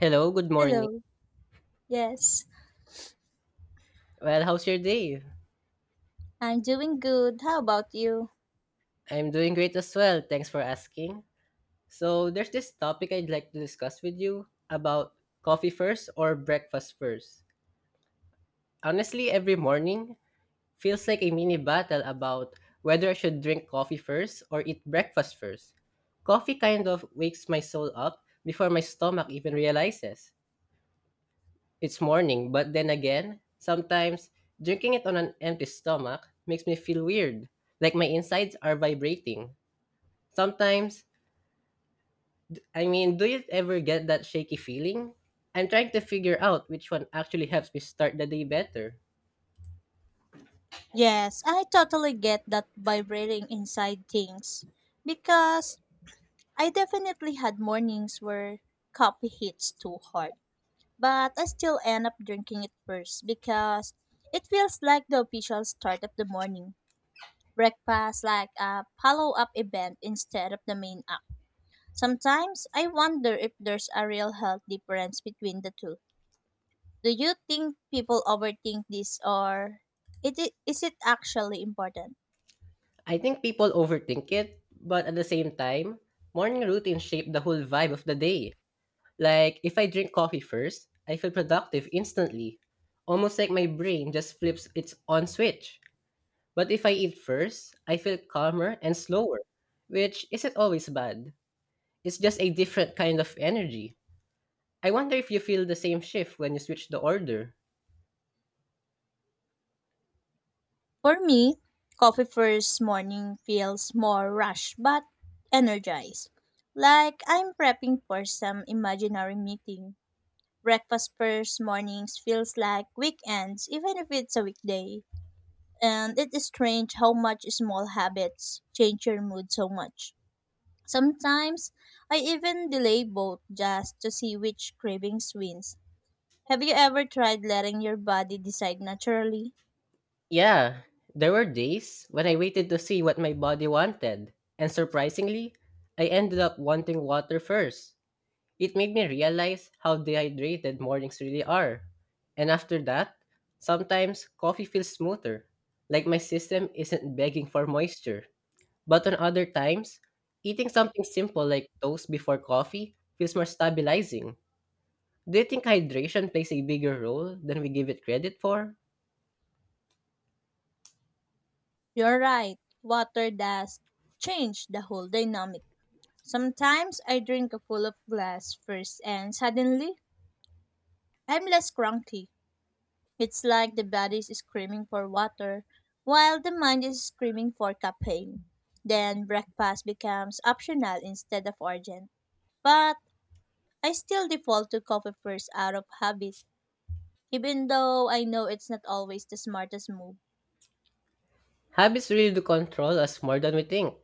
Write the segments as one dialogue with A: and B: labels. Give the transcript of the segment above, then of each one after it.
A: Hello, good morning.
B: Hello. Yes,
A: Well, how's your day?
B: I'm doing good. How about you?
A: I'm doing great as well. Thanks for asking. So, there's this topic I'd like to discuss with you about coffee first or breakfast first. Honestly, every morning feels like a mini battle about whether I should drink coffee first or eat breakfast first. Coffee kind of wakes my soul up before my stomach even realizes. It's morning, but then again, sometimes drinking it on an empty stomach makes me feel weird, like my insides are vibrating. Sometimes, I mean, do you ever get that shaky feeling? I'm trying to figure out which one actually helps me start the day better.
B: Yes, I totally get that vibrating inside things because I definitely had mornings where coffee hits too hard, but I still end up drinking it first because it feels like the official start of the morning. Breakfast like a follow-up event instead of the main app. Sometimes I wonder if there's a real health difference between the two. Do you think people overthink this or is it actually important?
A: I think people overthink it, but at the same time, morning routines shape the whole vibe of the day. Like, if I drink coffee first, I feel productive instantly, almost like my brain just flips its on switch. But if I eat first, I feel calmer and slower, which isn't always bad. It's just a different kind of energy. I wonder if you feel the same shift when you switch the order.
B: For me, coffee first morning feels more rushed but energized. Like I'm prepping for some imaginary meeting. Breakfast first mornings feels like weekends, even if it's a weekday. And it is strange how much small habits change your mood so much. Sometimes I even delay both just to see which cravings wins. Have you ever tried letting your body decide naturally?
A: Yeah, there were days when I waited to see what my body wanted, and surprisingly, I ended up wanting water first. It made me realize how dehydrated mornings really are. And after that, sometimes coffee feels smoother, like my system isn't begging for moisture. But on other times, eating something simple like toast before coffee feels more stabilizing. Do you think hydration plays a bigger role than we give it credit for?
B: You're right. Water does change the whole dynamic. Sometimes I drink a full of glass first and suddenly I'm less cranky. It's like the body is screaming for water while the mind is screaming for caffeine. Then breakfast becomes optional instead of urgent. But I still default to coffee first out of habit, even though I know it's not always the smartest move.
A: Habits really do control us more than we think.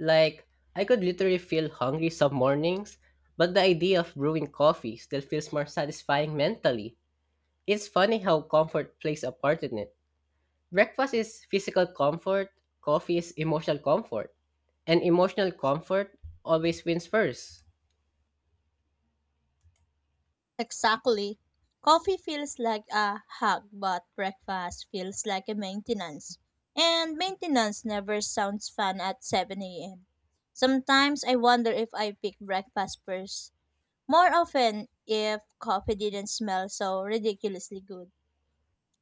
A: Like, I could literally feel hungry some mornings, but the idea of brewing coffee still feels more satisfying mentally. It's funny how comfort plays a part in it. Breakfast is physical comfort, coffee is emotional comfort, and emotional comfort always wins first.
B: Exactly. Coffee feels like a hug, but breakfast feels like a maintenance. And maintenance never sounds fun at 7 a.m. Sometimes I wonder if I pick breakfast first. More often, if coffee didn't smell so ridiculously good.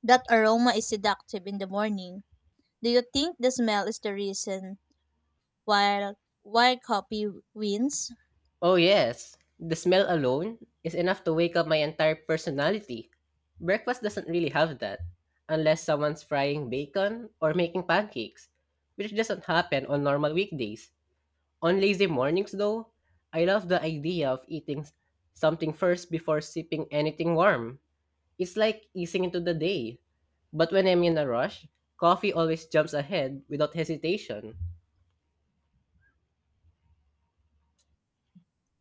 B: That aroma is seductive in the morning. Do you think the smell is the reason why, why coffee wins?
A: Oh, yes. The smell alone is enough to wake up my entire personality. Breakfast doesn't really have that, unless someone's frying bacon or making pancakes, which doesn't happen on normal weekdays. On lazy mornings, though, I love the idea of eating something first before sipping anything warm. It's like easing into the day. But when I'm in a rush, coffee always jumps ahead without hesitation.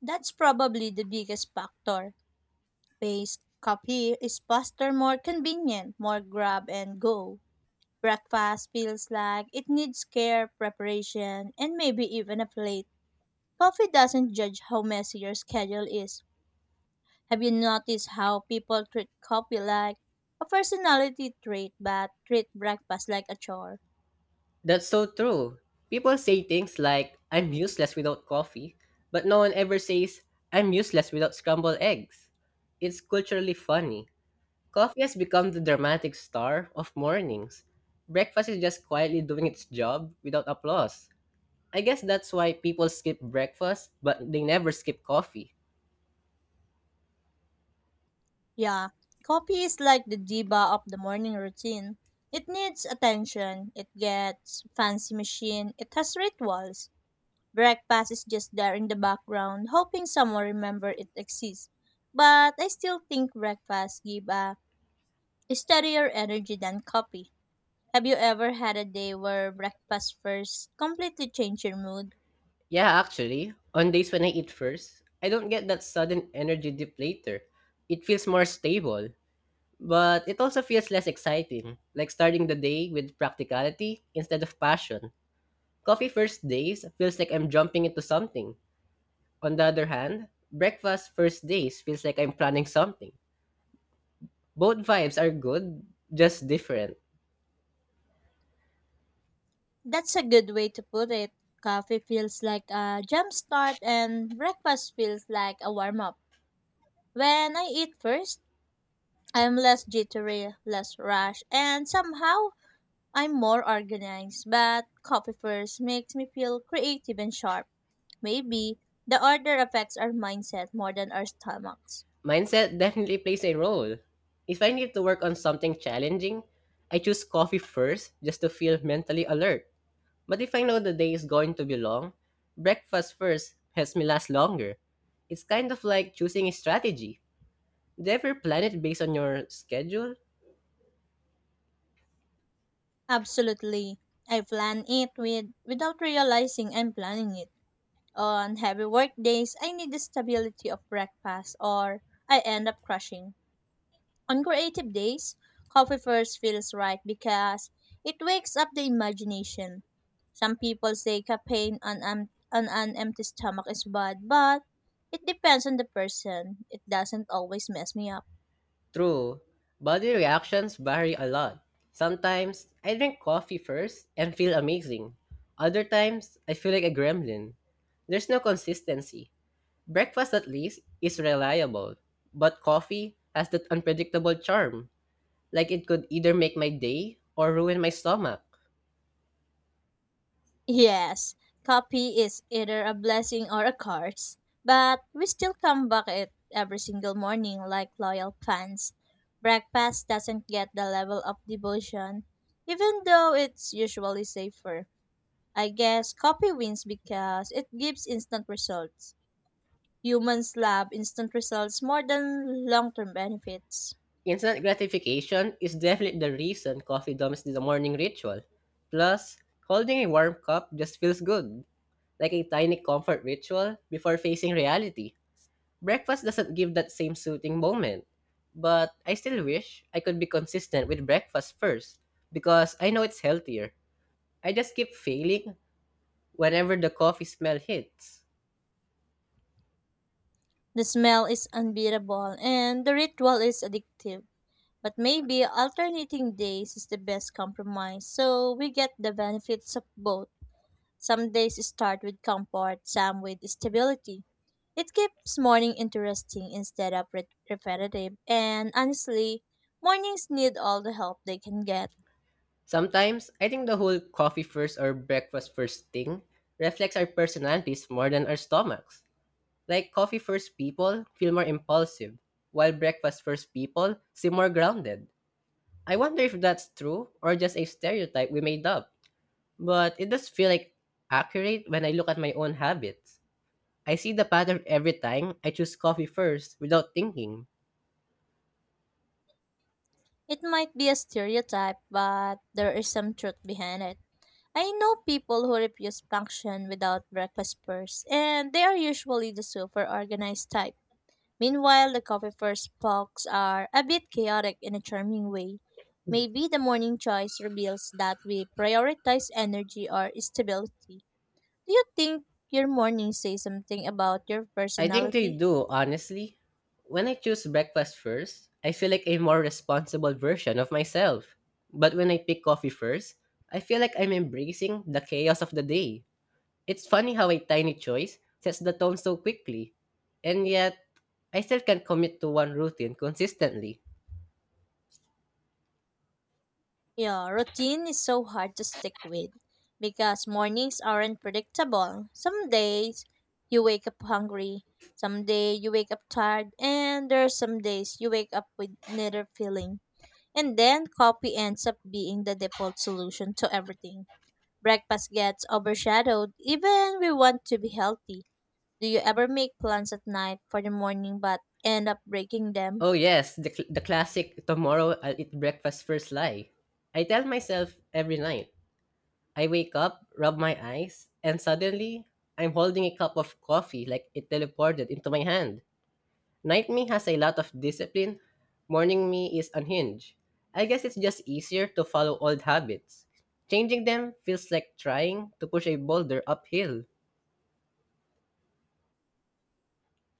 B: That's probably the biggest factor. Based coffee is faster, more convenient, more grab and go. Breakfast feels like it needs care, preparation, and maybe even a plate. Coffee doesn't judge how messy your schedule is. Have you noticed how people treat coffee like a personality trait but treat breakfast like a chore?
A: That's so true. People say things like, I'm useless without coffee, but no one ever says, I'm useless without scrambled eggs. It's culturally funny. Coffee has become the dramatic star of mornings. Breakfast is just quietly doing its job without applause. I guess that's why people skip breakfast, but they never skip coffee.
B: Yeah, coffee is like the diva of the morning routine. It needs attention, it gets fancy machine, it has rituals. Breakfast is just there in the background, hoping someone remember it exists. But I still think breakfast give a steadier energy than coffee. Have you ever had a day where breakfast first completely changed your mood?
A: Yeah, actually, on days when I eat first, I don't get that sudden energy dip later. It feels more stable. But it also feels less exciting, like starting the day with practicality instead of passion. Coffee first days feels like I'm jumping into something. On the other hand, breakfast first days feels like I'm planning something. Both vibes are good, just different.
B: That's a good way to put it. Coffee feels like a jump start and breakfast feels like a warm up. When I eat first, I'm less jittery, less rash, and somehow I'm more organized, but coffee first makes me feel creative and sharp. Maybe the order affects our mindset more than our stomachs.
A: Mindset definitely plays a role. If I need to work on something challenging, I choose coffee first just to feel mentally alert. But if I know the day is going to be long, breakfast first helps me last longer. It's kind of like choosing a strategy. Do you ever plan it based on your schedule?
B: Absolutely. I plan it with without realizing I'm planning it. On heavy work days, I need the stability of breakfast or I end up crashing. On creative days, coffee first feels right because it wakes up the imagination. Some people say caffeine on an empty stomach is bad, but it depends on the person. It doesn't always mess me up.
A: True. Body reactions vary a lot. Sometimes I drink coffee first and feel amazing. Other times I feel like a gremlin. There's no consistency. Breakfast at least is reliable, but coffee has that unpredictable charm, like it could either make my day or ruin my stomach.
B: Yes, coffee is either a blessing or a curse, but we still come back it every single morning like loyal fans. Breakfast doesn't get the level of devotion, even though it's usually safer. I guess copy wins because it gives instant results. Humans love instant results more than long term benefits.
A: Instant gratification is definitely the reason coffee dumps the morning ritual. Plus, holding a warm cup just feels good, like a tiny comfort ritual before facing reality. Breakfast doesn't give that same soothing moment. But I still wish I could be consistent with breakfast first, because I know it's healthier. I just keep failing whenever the coffee smell hits.
B: The smell is unbeatable and the ritual is addictive. But maybe alternating days is the best compromise so we get the benefits of both. Some days start with comfort, some with stability. It keeps morning interesting instead of repetitive, and honestly, mornings need all the help they can get.
A: Sometimes, I think the whole coffee first or breakfast first thing reflects our personalities more than our stomachs. Like coffee first people feel more impulsive, while breakfast first people seem more grounded. I wonder if that's true or just a stereotype we made up. But it does feel like accurate when I look at my own habits. I see the pattern every time I choose coffee first without thinking.
B: It might be a stereotype, but there is some truth behind it. I know people who refuse function without breakfast first, and they are usually the super organized type. Meanwhile, the coffee first folks are a bit chaotic in a charming way. Maybe the morning choice reveals that we prioritize energy or stability. Do you think your morning says something about your
A: I think they
B: personality?
A: do, honestly. When I choose breakfast first, I feel like a more responsible version of myself. But when I pick coffee first, I feel like I'm embracing the chaos of the day. It's funny how a tiny choice sets the tone so quickly, and yet I still can't commit to one routine consistently.
B: Yeah, routine is so hard to stick with because mornings aren't predictable. Some days you wake up hungry, some day you wake up tired, and there are some days you wake up with neither feeling. And then coffee ends up being the default solution to everything. Breakfast gets overshadowed even we want to be healthy. Do you ever make plans at night for the morning but end up breaking them?
A: Oh yes, the classic tomorrow I'll eat breakfast first lie. I tell myself every night. I wake up, rub my eyes, and suddenly I'm holding a cup of coffee like it teleported into my hand. Night me has a lot of discipline. Morning me is unhinged. I guess it's just easier to follow old habits. Changing them feels like trying to push a boulder uphill.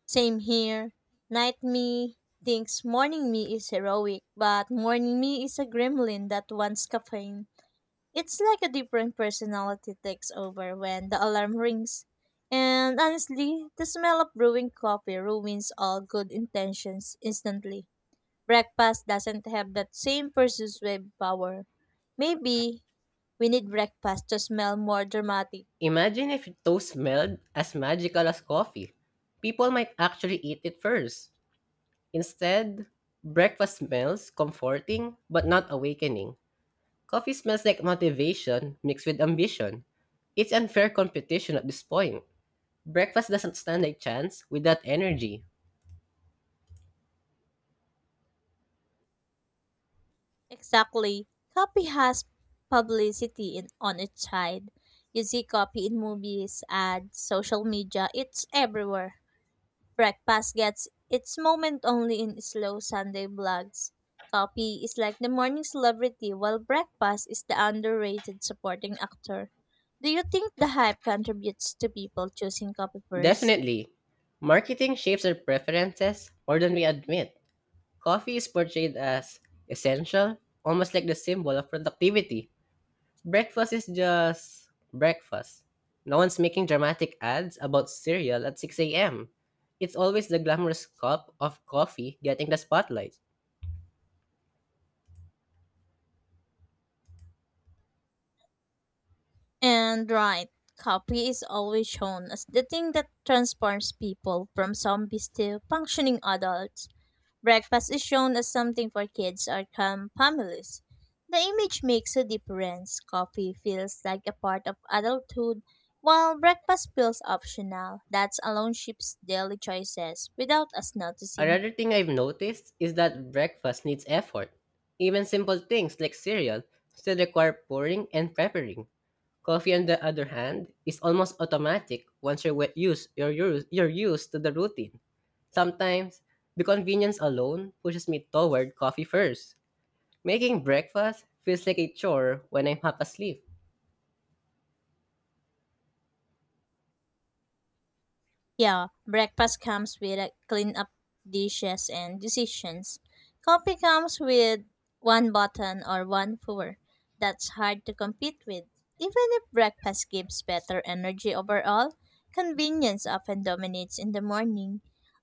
B: Same here. Night me thinks morning me is heroic, but morning me is a gremlin that wants caffeine. It's like a different personality takes over when the alarm rings. And honestly, the smell of brewing coffee ruins all good intentions instantly. Breakfast doesn't have that same persuasive power. Maybe we need breakfast to smell more dramatic.
A: Imagine if toast smelled as magical as coffee. People might actually eat it first. Instead, breakfast smells comforting but not awakening. Coffee smells like motivation mixed with ambition. It's unfair competition at this point. Breakfast doesn't stand a chance without energy.
B: Exactly. Copy has publicity on its side. You see copy in movies, ads, social media, it's everywhere. Breakfast gets its moment only in slow Sunday vlogs. Copy is like the morning celebrity, while breakfast is the underrated supporting actor. Do you think the hype contributes to people choosing copy first?
A: Definitely. Marketing shapes our preferences more than we admit. Coffee is portrayed as essential, almost like the symbol of productivity. Breakfast is just breakfast. No one's making dramatic ads about cereal at 6:00 a.m. It's always the glamorous cup of coffee getting the spotlight.
B: And right, copy is always shown as the thing that transforms people from zombies to functioning adults. Breakfast is shown as something for kids or calm families. The image makes a difference. Coffee feels like a part of adulthood, while breakfast feels optional. That alone shapes daily choices without us noticing.
A: Another thing I've noticed is that breakfast needs effort. Even simple things like cereal still require pouring and preparing. Coffee, on the other hand, is almost automatic once you're wet- used, you're, used, you're used to the routine. Sometimes, the convenience alone pushes me toward coffee first. Making breakfast feels like a chore when I'm half asleep.
B: Yeah, breakfast comes with a clean up dishes and decisions. Coffee comes with one button or one pour. That's hard to compete with. Even if breakfast gives better energy overall, convenience often dominates in the morning.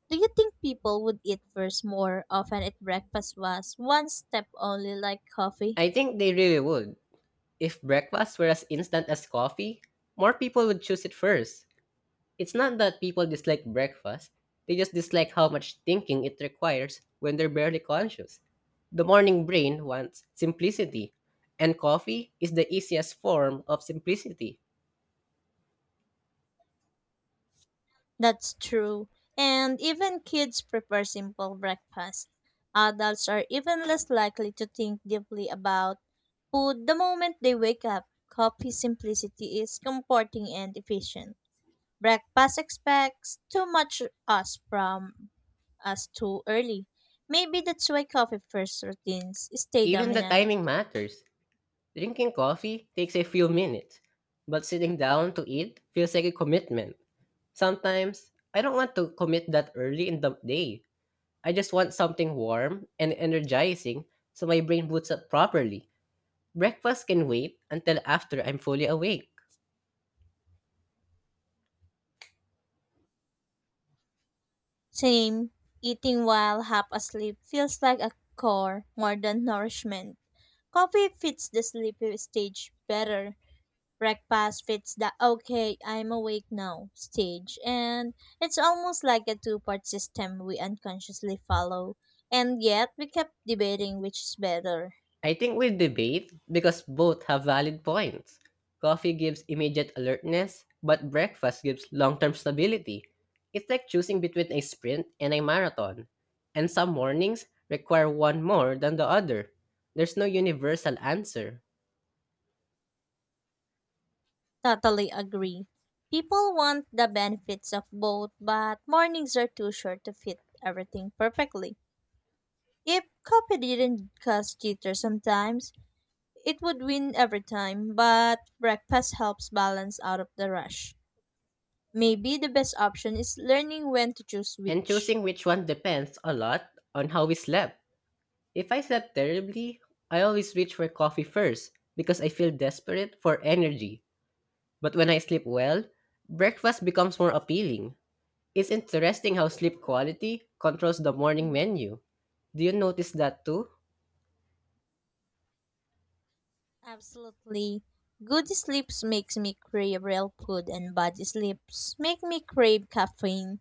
B: Do you think people would eat first more often if breakfast was one step only like coffee?
A: I think they really would. If breakfast were as instant as coffee, more people would choose it first. It's not that people dislike breakfast, they just dislike how much thinking it requires when they're barely conscious. The morning brain wants simplicity, and coffee is the easiest form of simplicity.
B: That's true. And even kids prefer simple breakfast. Adults are even less likely to think deeply about food the moment they wake up. Coffee simplicity is comforting and efficient. Breakfast expects too much us from us too early. Maybe that's why coffee first routines stay
A: Even the
B: dominant.
A: timing matters. Drinking coffee takes a few minutes, but sitting down to eat feels like a commitment. Sometimes, I don't want to commit that early in the day. I just want something warm and energizing so my brain boots up properly. Breakfast can wait until after I'm fully awake.
B: Same, eating while half asleep feels like a chore more than nourishment. Coffee fits the sleepy stage better. Breakfast fits the okay, I'm awake now stage. And it's almost like a two-part system we unconsciously follow. And yet we kept debating which is better.
A: I think we'll debate because both have valid points. Coffee gives immediate alertness, but breakfast gives long term stability. It's like choosing between a sprint and a marathon. And some mornings require one more than the other. There's no universal answer.
B: Totally agree. People want the benefits of both, but mornings are too short to fit everything perfectly. If coffee didn't cause jitter sometimes, it would win every time, but breakfast helps balance out of the rush. Maybe the best option is learning when to choose
A: And
B: which.
A: choosing which one depends a lot on how we slept. If I slept terribly, I always reach for coffee first because I feel desperate for energy. But when I sleep well, breakfast becomes more appealing. It's interesting how sleep quality controls the morning menu. Do you notice that too?
B: Absolutely. Good sleeps makes me crave real food and bad sleeps make me crave caffeine.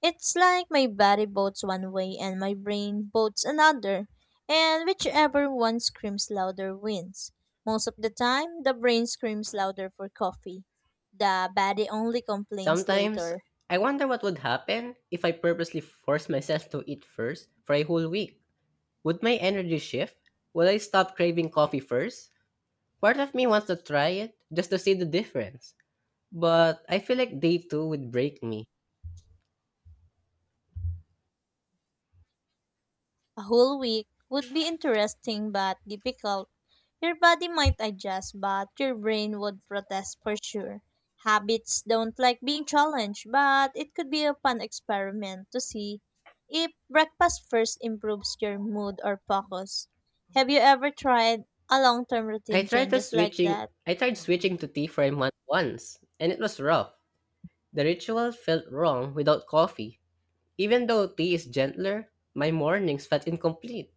B: It's like my body votes one way and my brain votes another, and whichever one screams louder wins. Most of the time, the brain screams louder for coffee. The body only complains
A: Sometimes,
B: later.
A: I wonder what would happen if I purposely forced myself to eat first for a whole week. Would my energy shift? Would I stop craving coffee first? Part of me wants to try it just to see the difference. But I feel like day two would break me.
B: A whole week would be interesting but difficult. Your body might adjust, but your brain would protest for sure. Habits don't like being challenged, but it could be a fun experiment to see if breakfast first improves your mood or focus. Have you ever tried a long term routine changes like that?
A: I tried switching to tea for a month once, and it was rough. The ritual felt wrong without coffee. Even though tea is gentler, my mornings felt incomplete.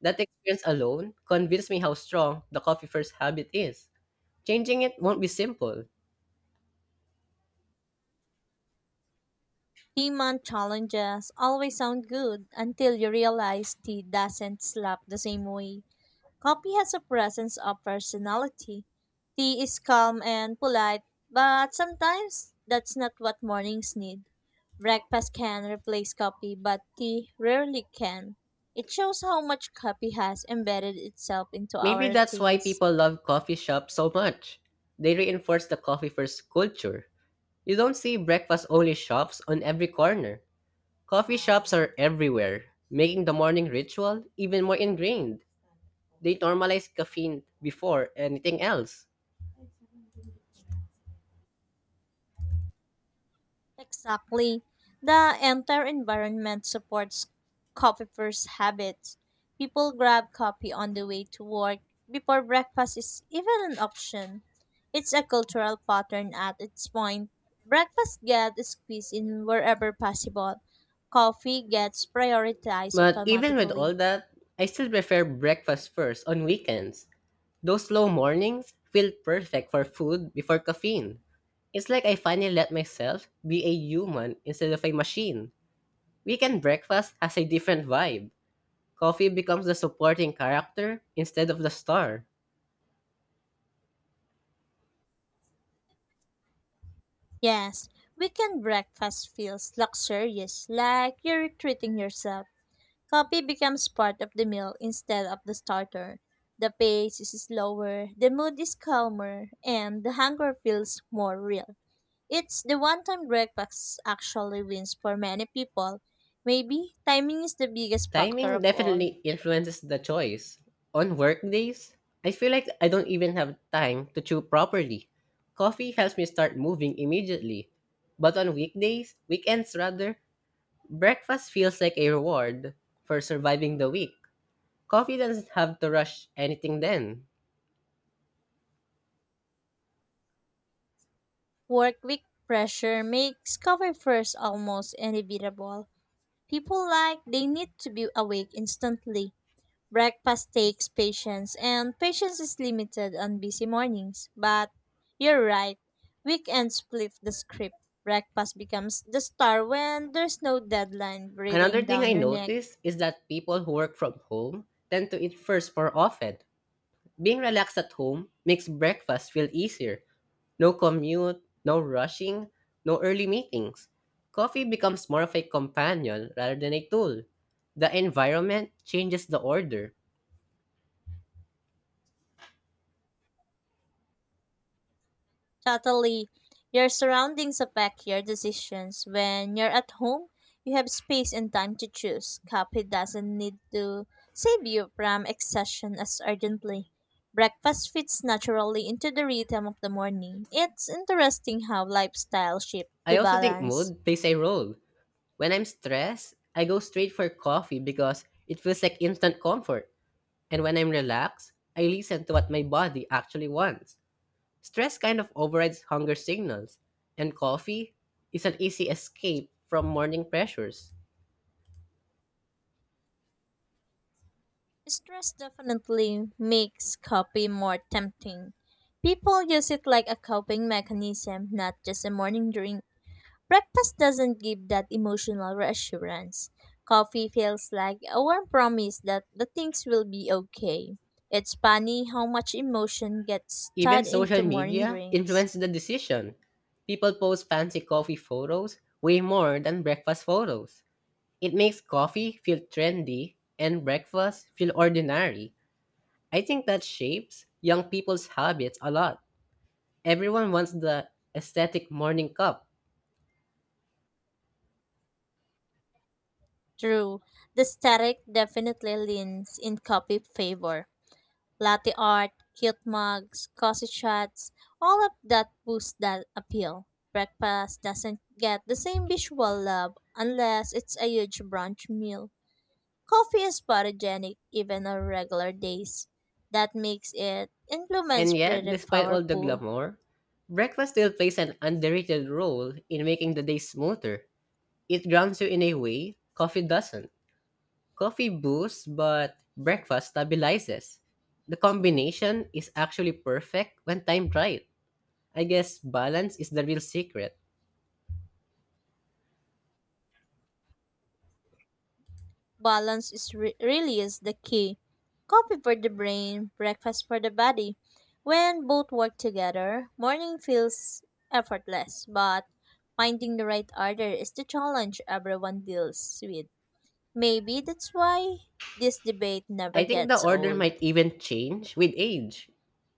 A: That experience alone convinced me how strong the coffee first habit is. Changing it won't be simple.
B: 3-month challenges always sound good until you realize tea doesn't slap the same way. Coffee has a presence of personality. Tea is calm and polite, but sometimes that's not what mornings need. Breakfast can replace coffee, but tea rarely can. It shows how much coffee has embedded itself into
A: Maybe
B: our
A: that's why
B: routines.
A: people love coffee shops so much. They reinforce the coffee first culture. You don't see breakfast only shops on every corner. Coffee shops are everywhere, making the morning ritual even more ingrained. They normalize caffeine before anything else.
B: Exactly. The entire environment supports coffee first habits. People grab coffee on the way to work before breakfast is even an option. It's a cultural pattern at its point. Breakfast gets squeezed in wherever possible. Coffee gets prioritized
A: But even with
B: automatically.
A: all that, I still prefer breakfast first on weekends. Those slow mornings feel perfect for food before caffeine. It's like I finally let myself be a human instead of a machine. Weekend breakfast has a different vibe. Coffee becomes the supporting character instead of the star.
B: Yes, weekend breakfast feels luxurious, like you're treating yourself. Coffee becomes part of the meal instead of the starter. The pace is slower, the mood is calmer, and the hunger feels more real. It's the one time breakfast actually wins for many people. Maybe timing is the biggest factor
A: Timing
B: of all.
A: definitely influences the choice. On work days, I feel like I don't even have time to chew properly. Coffee helps me start moving immediately. But on weekdays, weekends rather, breakfast feels like a reward for surviving the week. Coffee doesn't have to rush anything then.
B: Work week pressure makes coffee first almost inevitable. People like they need to be awake instantly. Breakfast takes patience, and patience is limited on busy mornings. But you're right, weekends flip the script. Breakfast becomes the star when there's no deadline breathing
A: Another thing
B: down
A: I
B: your neck.
A: notice is that people who work from home tend to eat first more often. Being relaxed at home makes breakfast feel easier. No commute, no rushing, no early meetings. Coffee becomes more of a companion rather than a tool. The environment changes the order.
B: Totally. Your surroundings affect your decisions. When you're at home, you have space and time to choose. Coffee doesn't need to save you from exhaustion as urgently. Breakfast fits naturally into the rhythm of the morning. It's interesting how lifestyle shifts
A: I
B: the
A: also think
B: balance.
A: mood plays a role. When I'm stressed, I go straight for coffee because it feels like instant comfort. And when I'm relaxed, I listen to what my body actually wants. Stress kind of overrides hunger signals, and coffee is an easy escape from morning pressures.
B: Stress definitely makes coffee more tempting. People use it like a coping mechanism, not just a morning drink. Breakfast doesn't give that emotional reassurance. Coffee feels like a warm promise that the things will be okay. It's funny how much emotion gets
A: Even
B: tied
A: social
B: into morning
A: media
B: drinks.
A: influenced the decision. People post fancy coffee photos way more than breakfast photos. It makes coffee feel trendy and breakfast feel ordinary. I think that shapes young people's habits a lot. Everyone wants the aesthetic morning cup.
B: True, the static definitely leans in coffee favor. Latte art, cute mugs, cozy shots, all of that boosts that appeal. Breakfast doesn't get the same visual love unless it's a huge brunch meal. Coffee is photogenic even on regular days. That makes it implements
A: And yet,
B: pretty
A: despite all the
B: powerful.
A: glamour, breakfast still plays an underrated role in making the day smoother. It grounds you in a way coffee doesn't. Coffee boosts, but breakfast stabilizes. The combination is actually perfect when timed right. I guess balance is the real secret.
B: Balance is really is the key. Coffee for the brain, breakfast for the body. When both work together, morning feels effortless, but finding the right order is the challenge everyone deals with. Maybe that's why this debate
A: I
B: never
A: think the
B: gets
A: order
B: old.
A: might even change with age.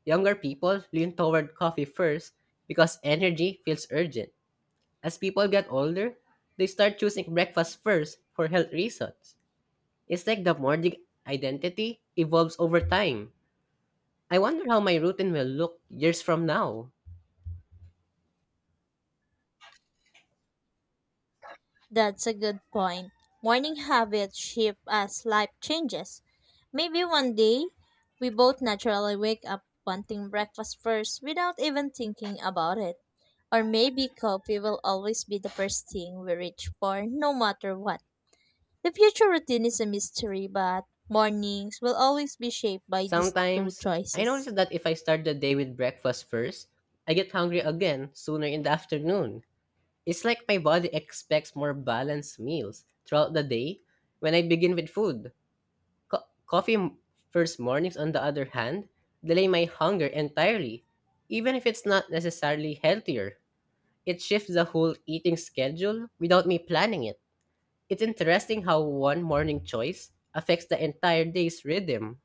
A: Younger people lean toward coffee first because energy feels urgent. As people get older, they start choosing breakfast first for health reasons. It's like the morning identity evolves over time. I wonder how my routine will look years from now.
B: That's a good point. Morning habits shift as life changes. Maybe one day we both naturally wake up wanting breakfast first without even thinking about it. Or maybe coffee will always be the first thing we reach for no matter what. The future routine is a mystery, but mornings will always be shaped by these two
A: Sometimes, I
B: choices.
A: notice that if I start the day with breakfast first, I get hungry again sooner in the afternoon. It's like my body expects more balanced meals throughout the day when I begin with food. Co- coffee m- First mornings, on the other hand, delay my hunger entirely, even if it's not necessarily healthier. It shifts the whole eating schedule without me planning it. It's interesting how one morning choice affects the entire day's rhythm.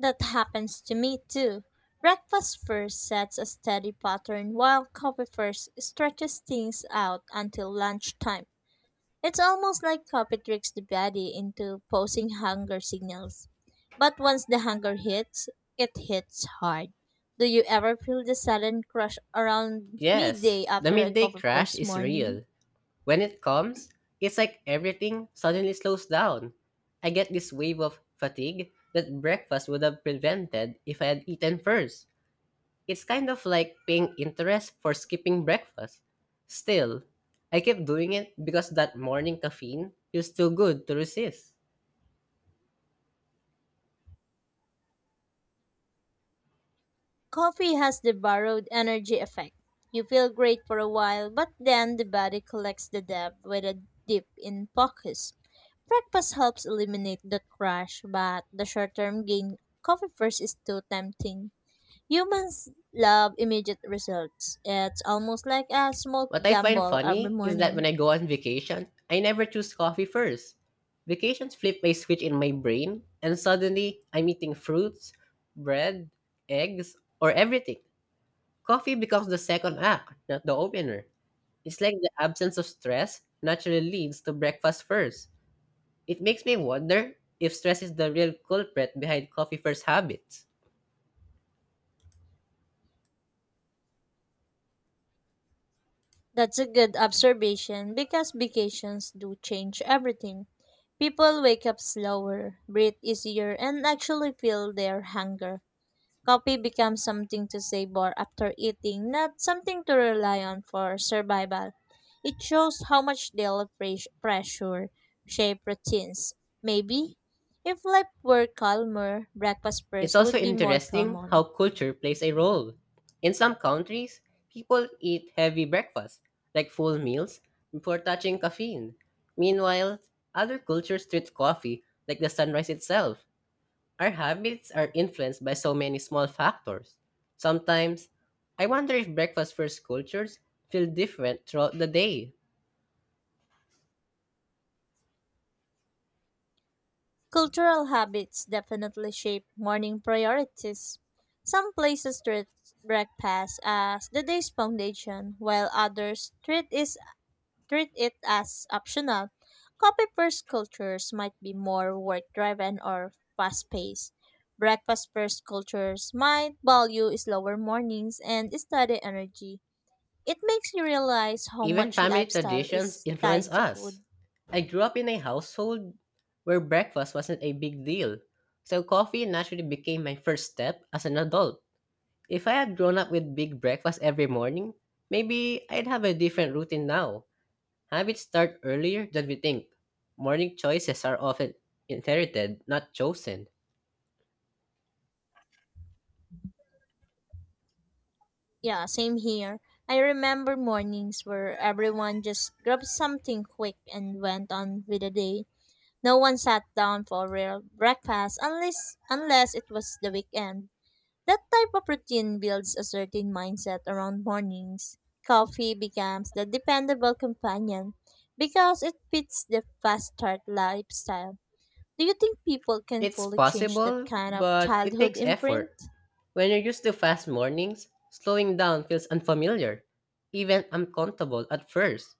B: That happens to me too. Breakfast first sets a steady pattern while coffee first stretches things out until lunchtime. It's almost like coffee tricks the body into posing hunger signals. But once the hunger hits, it hits hard. Do you ever feel the sudden crush around
A: Yes,
B: midday
A: the
B: after a
A: midday
B: coffee
A: crash
B: first
A: is
B: morning?
A: real. When it comes, it's like everything suddenly slows down. I get this wave of fatigue that breakfast would have prevented if I had eaten first. It's kind of like paying interest for skipping breakfast. Still, I keep doing it because that morning caffeine feels too good to resist.
B: Coffee has the borrowed energy effect. You feel great for a while, but then the body collects the debt with a dip in focus. Breakfast helps eliminate the crash, but the short term gain coffee first is too tempting. Humans love immediate results. It's almost like a small
A: What I find
B: gamble every
A: funny is that when
B: morning.
A: I go on vacation, I never choose coffee first. Vacations flip my switch in my brain, and suddenly I'm eating fruits, bread, eggs, or everything. Coffee becomes the second act, not the opener. It's like the absence of stress naturally leads to breakfast first. It makes me wonder if stress is the real culprit behind coffee first habits.
B: That's a good observation because vacations do change everything. People wake up slower, breathe easier, and actually feel their hunger. Coffee becomes something to savor after eating, not something to rely on for survival. It shows how much daily pressure shape routines. Maybe if life were calmer, breakfast
A: It's
B: first
A: also
B: would be more
A: interesting how
B: common.
A: culture plays a role. In some countries, people eat heavy breakfasts, like full meals, before touching caffeine. Meanwhile, other cultures treat coffee like the sunrise itself. Our habits are influenced by so many small factors. Sometimes, I wonder if breakfast first cultures feel different throughout the day.
B: Cultural habits definitely shape morning priorities. Some places treat breakfast as the day's foundation, while others treat it as optional. Coffee first cultures might be more work driven or fast paced. Breakfast first cultures might value slower mornings and steady energy. It makes you realize how
A: Even
B: much
A: family
B: lifestyle
A: traditions
B: is
A: influence
B: tied to
A: us.
B: food.
A: I grew up in a household where breakfast wasn't a big deal, so coffee naturally became my first step as an adult. If I had grown up with big breakfast every morning, maybe I'd have a different routine now. Habits start earlier than we think. Morning choices are often inherited, not chosen.
B: Yeah, same here. I remember mornings where everyone just grabbed something quick and went on with the day. No one sat down for a real breakfast unless it was the weekend. That type of routine builds a certain mindset around mornings. Coffee becomes the dependable companion because it fits the fast start lifestyle. Do you think people can
A: It's
B: fully change that
A: possible,
B: kind of
A: but it
B: childhood
A: takes
B: imprint?
A: effort. When you're used to fast mornings, slowing down feels unfamiliar, even uncomfortable at first.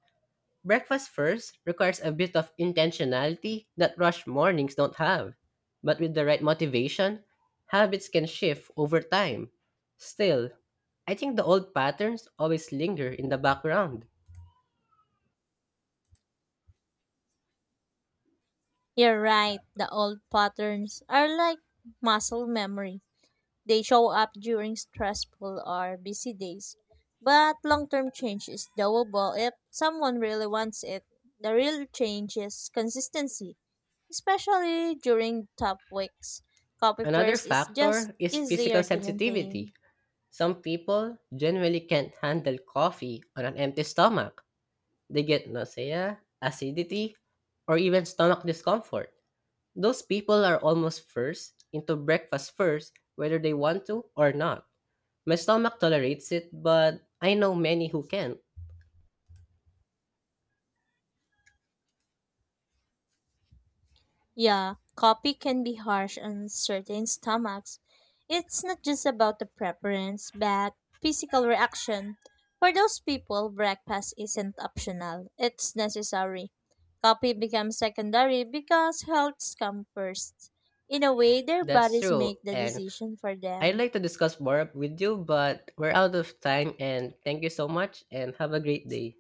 A: Breakfast first requires a bit of intentionality that rush mornings don't have. But with the right motivation, habits can shift over time. Still, I think the old patterns always linger in the background.
B: You're right, the old patterns are like muscle memory. They show up during stressful or busy days. But long term change is doable if someone really wants it. The real change is consistency, especially during tough weeks. Copy
A: Another
B: first is just
A: factor is physical
B: easier to
A: sensitivity.
B: maintain.
A: Some people generally can't handle coffee on an empty stomach. They get nausea, acidity, or even stomach discomfort. Those people are almost first into breakfast first, whether they want to or not. My stomach tolerates it, but I know many who can't.
B: Yeah, coffee can be harsh on certain stomachs. It's not just about the preference, but physical reaction. For those people, breakfast isn't optional, it's necessary. Coffee becomes secondary because health comes first. In a way, their
A: That's
B: bodies
A: true,
B: make the
A: and
B: decision for
A: I'd
B: them.
A: like to discuss more with you, but we're out of time, and thank you so much, and have a great day.